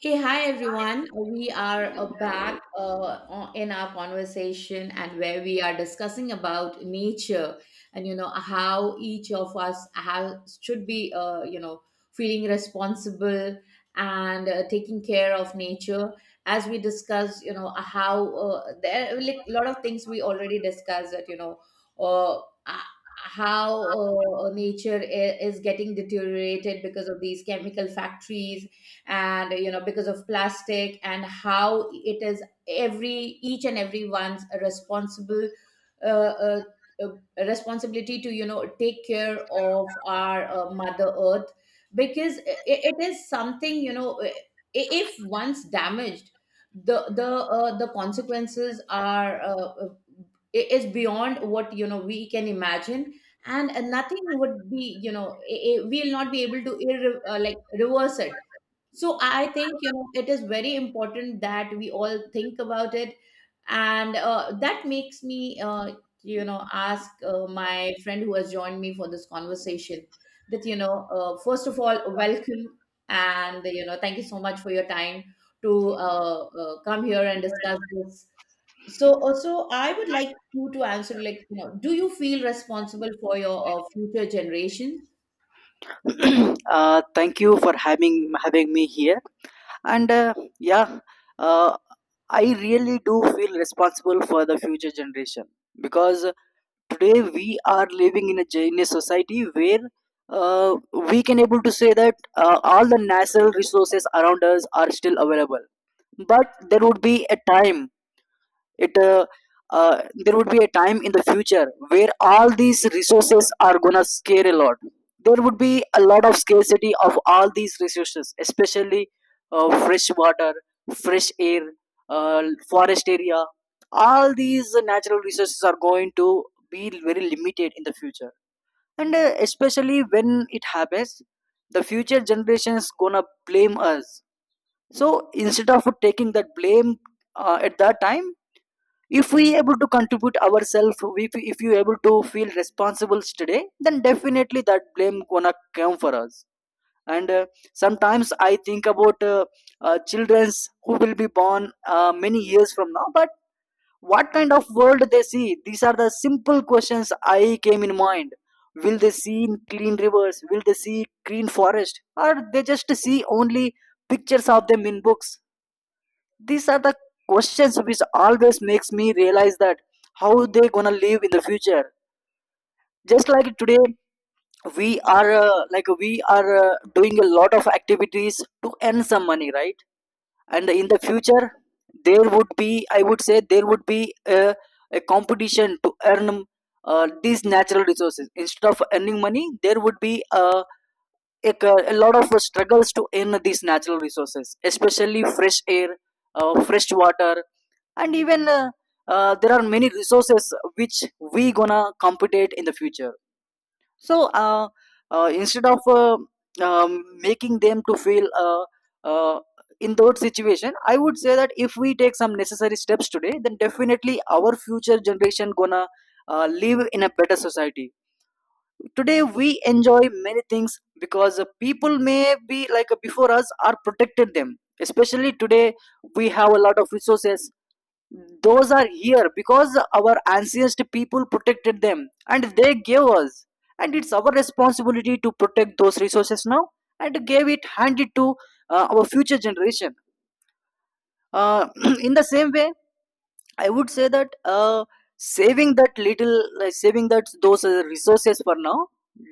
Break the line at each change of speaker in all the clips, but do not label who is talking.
Hey, hi everyone. We are back in our conversation, and where we are discussing about nature, and you know how each of us have should be you know feeling responsible, and taking care of nature, as we discuss you know how there are like, a lot of things we already discussed that you know uh, h- how nature is getting deteriorated because of these chemical factories, and you know because of plastic, and how it is every each and everyone's responsible uh, uh, uh, responsibility to you know take care of our mother earth, because I it is something you know if once damaged, the the consequences are is beyond what you know we can imagine, and nothing would be you know we'll not be able to like reverse it. So I think you know it is very important that we all think about it, and that makes me you know ask my friend who has joined me for this conversation that you know first of all welcome, and you know thank you so much for your time to come here and discuss this. So also I would like you to answer, like you know, do you feel responsible for your future generation?
Thank you for having me here. And uh, yeah, uh, I really do feel responsible for the future generation because today we are living in in a society where uh, we can able to say that all the natural resources around us are still available. But there would be a time it there would be a time in the future where all these resources are gonna scare a lot. There would be a lot of scarcity of all these resources, especially fresh water, fresh air, uh, forest area. All these natural resources are going to be very limited in the future. And especially when it happens, the future generations gonna blame us. So instead of taking that blame at that time, if we able to contribute ourselves, if you able to feel responsible today, then definitely that blame gonna come for us. And Sometimes I think about children's who will be born many years from now, but what kind of world they see? These are the simple questions I came in mind. Will they see clean rivers? Will they see green forest? Or they just see only pictures of them in books? These are the questions which always makes me realize that how they gonna live in the future. Just like today, we are like we are doing a lot of activities to earn some money, right? And in the future, there would be, I would say, there would be a competition to earn these natural resources instead of earning money. There would be a, a lot of struggles to earn these natural resources, especially fresh air, fresh water. And even there are many resources which we gonna compete in the future. So instead of making them to feel uh, in that situation, I would say that if we take some necessary steps today, then definitely our future generation gonna live in a better society. Today we enjoy many things because people may be like before us are protected them. Especially today we have a lot of resources. Those are here because our ancient people protected them and they gave us, and it's our responsibility to protect those resources now and gave it, hand it to our future generation. uh, in the same way, I would say that saving that little, like saving that those resources for now,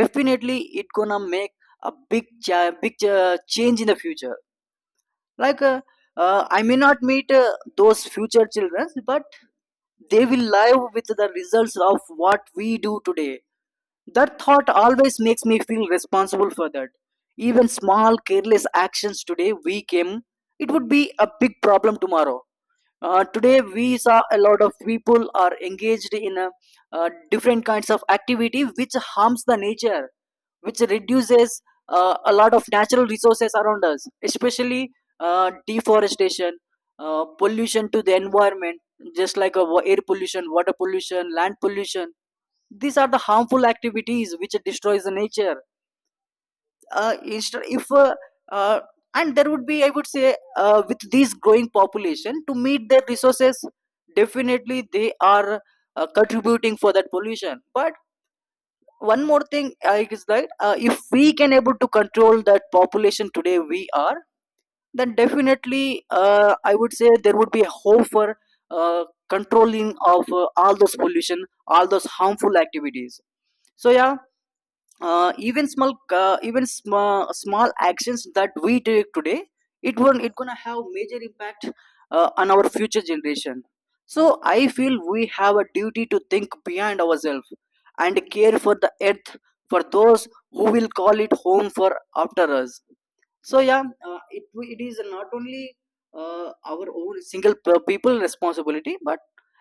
definitely it gonna make a big change in the future. like uh, I may not meet those future children, but they will live with the results of what we do today. That thought always makes me feel responsible for that. Even small careless actions today we came, it would be a big problem tomorrow. Today we saw a lot of people are engaged in different kinds of activity which harms the nature, which reduces a lot of natural resources around us, especially deforestation, pollution to the environment, just like air pollution, water pollution, land pollution. These are the harmful activities which destroys the nature. Instead, if uh, and there would be, I would say, with these growing population to meet their resources, definitely they are contributing for that pollution. But one more thing I is that if we can able to control that population today we are, then definitely I would say there would be a hope for uh, controlling of all those pollution, all those harmful activities. so yeah Even small, even small small actions that we take today, it won't, it gonna have major impact on our future generation. So I feel we have a duty to think beyond ourselves and care for the earth for those who will call it home for after us. It is not only our own people responsibility, but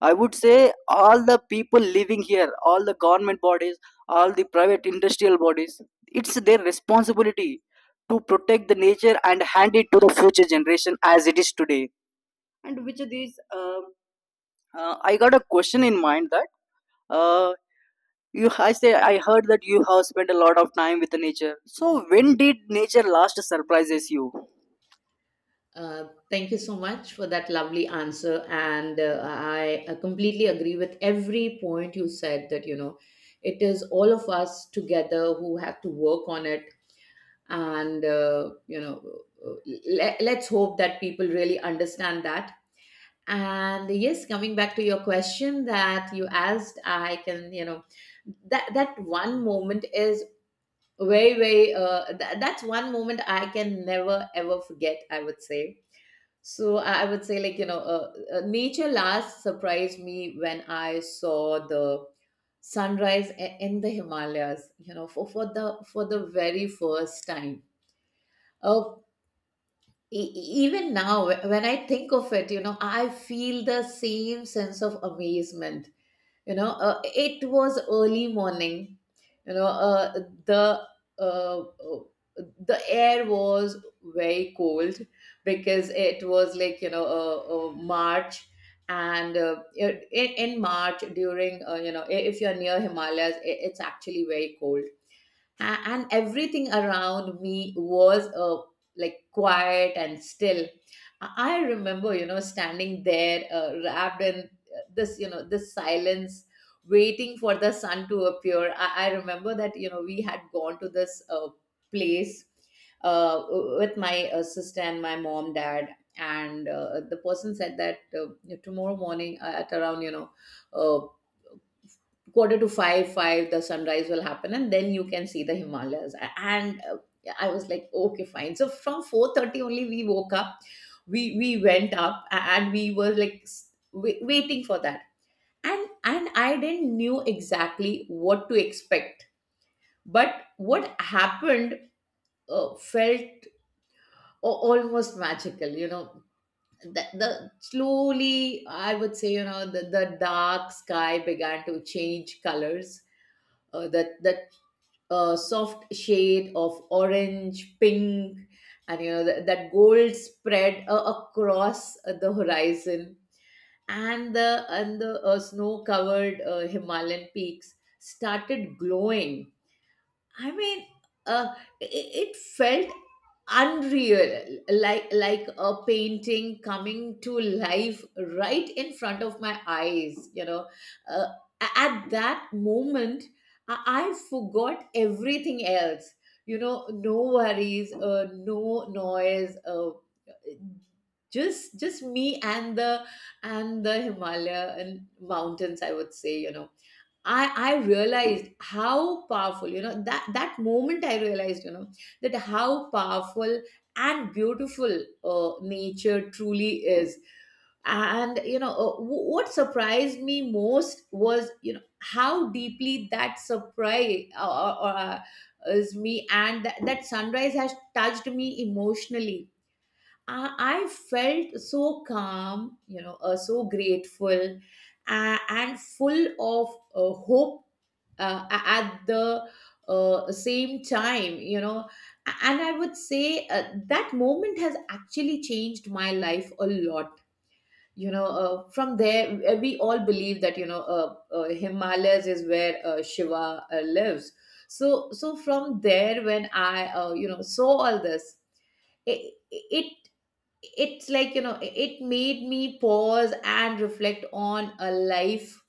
I would say all the people living here, all the government bodies, all the private industrial bodies, it's their responsibility to protect the nature and hand it to the future generation as it is today. And which of these, I got a question in mind that uh, I say, I heard that you have spent a lot of time with the nature. So when did nature last surprises you?
Thank you so much for that lovely answer. And I completely agree with every point you said that, you know, it is all of us together who have to work on it. And, you know, uh, let's hope that people really understand that. And yes, coming back to your question that you asked, I can, you know, that one moment is very very that's one moment I can never ever forget, I would say. So I would say, like you know, nature last surprised me when I saw the sunrise in the Himalayas, you know, for the very first time. Oh, even now when I think of it, you know, I feel the same sense of amazement. You know, it was early morning, you know, the uh, uh, the air was very cold, because it was like, you know, March. And in March, during you know, if you're near Himalayas, I it's actually very cold. And everything around me was like quiet and still. I remember, you know, standing there, wrapped in this, you know, this silence, waiting for the sun to appear. I remember that, you know, we had gone to this place uh, with my sister and my mom dad. And the person said that tomorrow morning at around, you know, uh, quarter to five, five, the sunrise will happen, and then you can see the Himalayas. And I was like, okay, fine. So from 4:30 only, we woke up, we went up, and we were like waiting for that. And I didn't knew exactly what to expect, but what happened felt almost magical. You know, the slowly, I would say, you know, the dark sky began to change colors, the a soft shade of orange, pink, and you know that, gold spread across the horizon, and the snow-covered Himalayan peaks started glowing. I mean, uh, it felt unreal, like a painting coming to life right in front of my eyes. You know, uh, at that moment, I, I forgot everything else. You know, no worries, no noise, just me and the Himalaya and mountains. I would say, you know, I realized how powerful, you know, that moment I realized, you know, that how powerful and beautiful nature truly is. And, you know, what surprised me most was, you know, how deeply that surprise is me, and that, sunrise has touched me emotionally. I felt so calm, you know, so grateful, and full of hope, at the same time, you know. And I would say that moment has actually changed my life a lot. You know, from there, we all believe that, you know, Himalayas is where Shiva lives. So from there, when I, you know, saw all this, it it's like, you know, it made me pause and reflect on a life,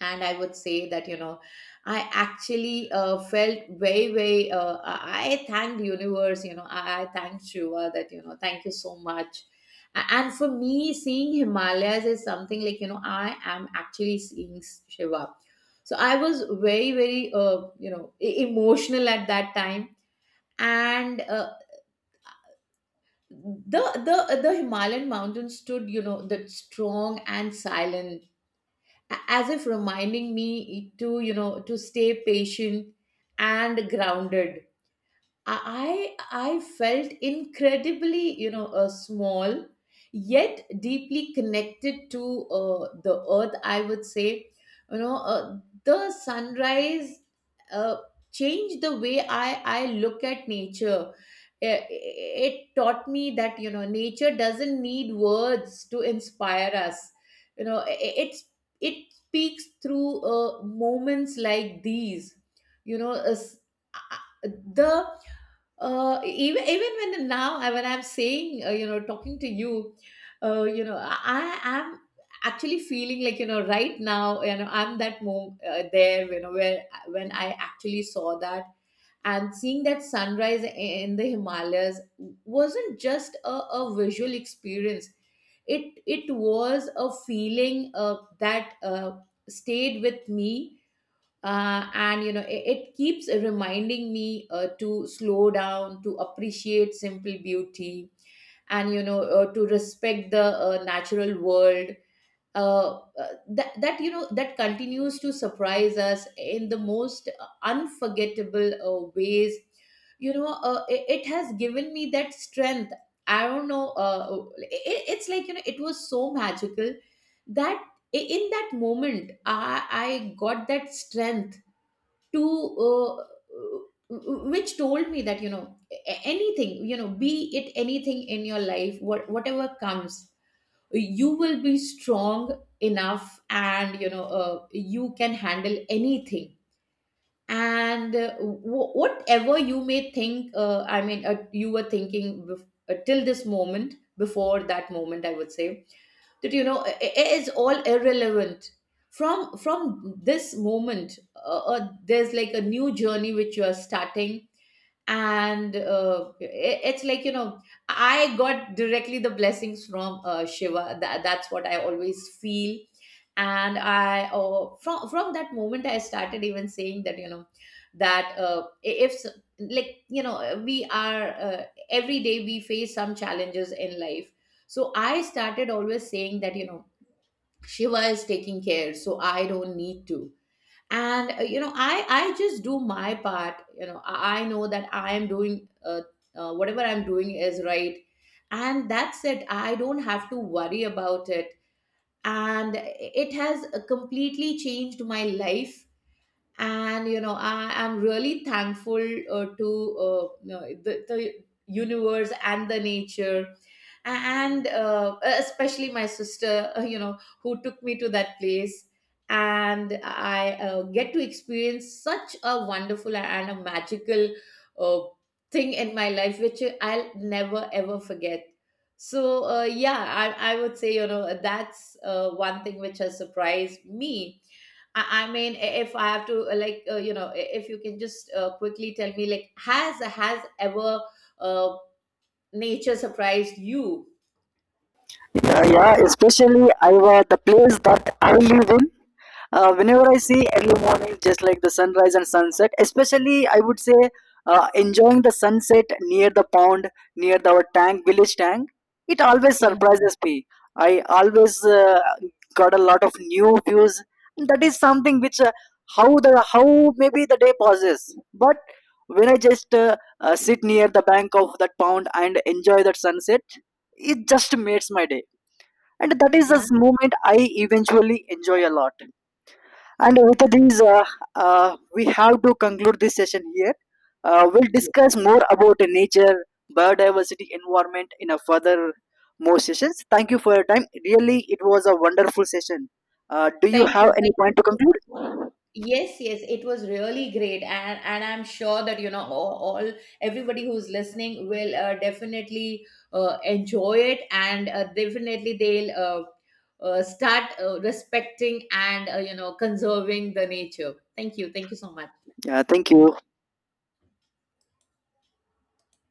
and I would say that, you know, I actually felt very very I thanked the universe. You know, I thanked Shiva that, you know, thank you so much. And for me, seeing Himalayas is something like, you know, I am actually seeing Shiva. So I was very very you know emotional at that time. And the the the Himalayan mountains stood, you know, that strong and silent, as if reminding me to, you know, to stay patient and grounded. I felt incredibly, you know, small, yet deeply connected to the earth. I would say, you know, the sunrise uh, changed the way I look at nature. It taught me that, you know, nature doesn't need words to inspire us. You know, it's it speaks through moments like these. You know, the even when now when I'm saying, you know, talking to you, you know, I am actually feeling like, you know, right now, you know, I'm that moment there, you know, where when I actually saw that, and seeing that sunrise in the Himalayas wasn't just a visual experience. It was a feeling that stayed with me, and you know, it keeps reminding me to slow down, to appreciate simple beauty, and you know, to respect the natural world, that you know that continues to surprise us in the most unforgettable ways. You know, it has given me that strength. I don't know, it's like, you know, it was so magical that in that moment I got that strength to which told me that, you know, anything, you know, be it anything in your life, whatever comes, you will be strong enough. And you know, you can handle anything. And whatever you may think, I mean, you were thinking till this moment, before that moment, I would say, that, you know, it is all irrelevant. From this moment, there's like a new journey which you are starting. And it's like, you know, I got directly the blessings from Shiva, that's what I always feel. And I from that moment, I started even saying that, you know, that if s- like you know, we are, every day we face some challenges in life. So I started always saying that, you know, Shiva is taking care, so I don't need to. And you know, I just do my part. You know, I know that I am doing whatever I'm doing is right, and that's it, I don't have to worry about it. And it has completely changed my life, and you know, I am really thankful to, you know, the universe and the nature, and especially my sister, you know, who took me to that place, and I get to experience such a wonderful and a magical uh, thing in my life, which I'll never ever forget. So yeah. I would say, you know, that's one thing which has surprised me. I mean, if I have to like, you know, if you can just quickly tell me, like, has ever uh, nature surprised you?
Yeah, yeah. Especially I the place that I live in. Whenever I see early morning, just like the sunrise and sunset, especially I would say enjoying the sunset near the pond, near our tank, village tank, it always surprises me. I always got a lot of new views. That is something which how the how maybe the day passes, but when I just sit near the bank of that pond and enjoy that sunset, it just makes my day, and that is
Yeah,
this moment I eventually enjoy a lot. And with these, we have to conclude this session here. We'll
yeah.
discuss more about nature, biodiversity, environment in a further more sessions. Thank you for your time, really it was a wonderful session. Do you
Thank
have
you.
any
Thank
point
you
to
so
conclude?
much. Yes, yes, it was really great. And I'm sure that, you know, all everybody who's listening will definitely enjoy it, and definitely they'll start respecting and, you know, conserving the nature. Thank you. Thank you so much.
Yeah, thank you.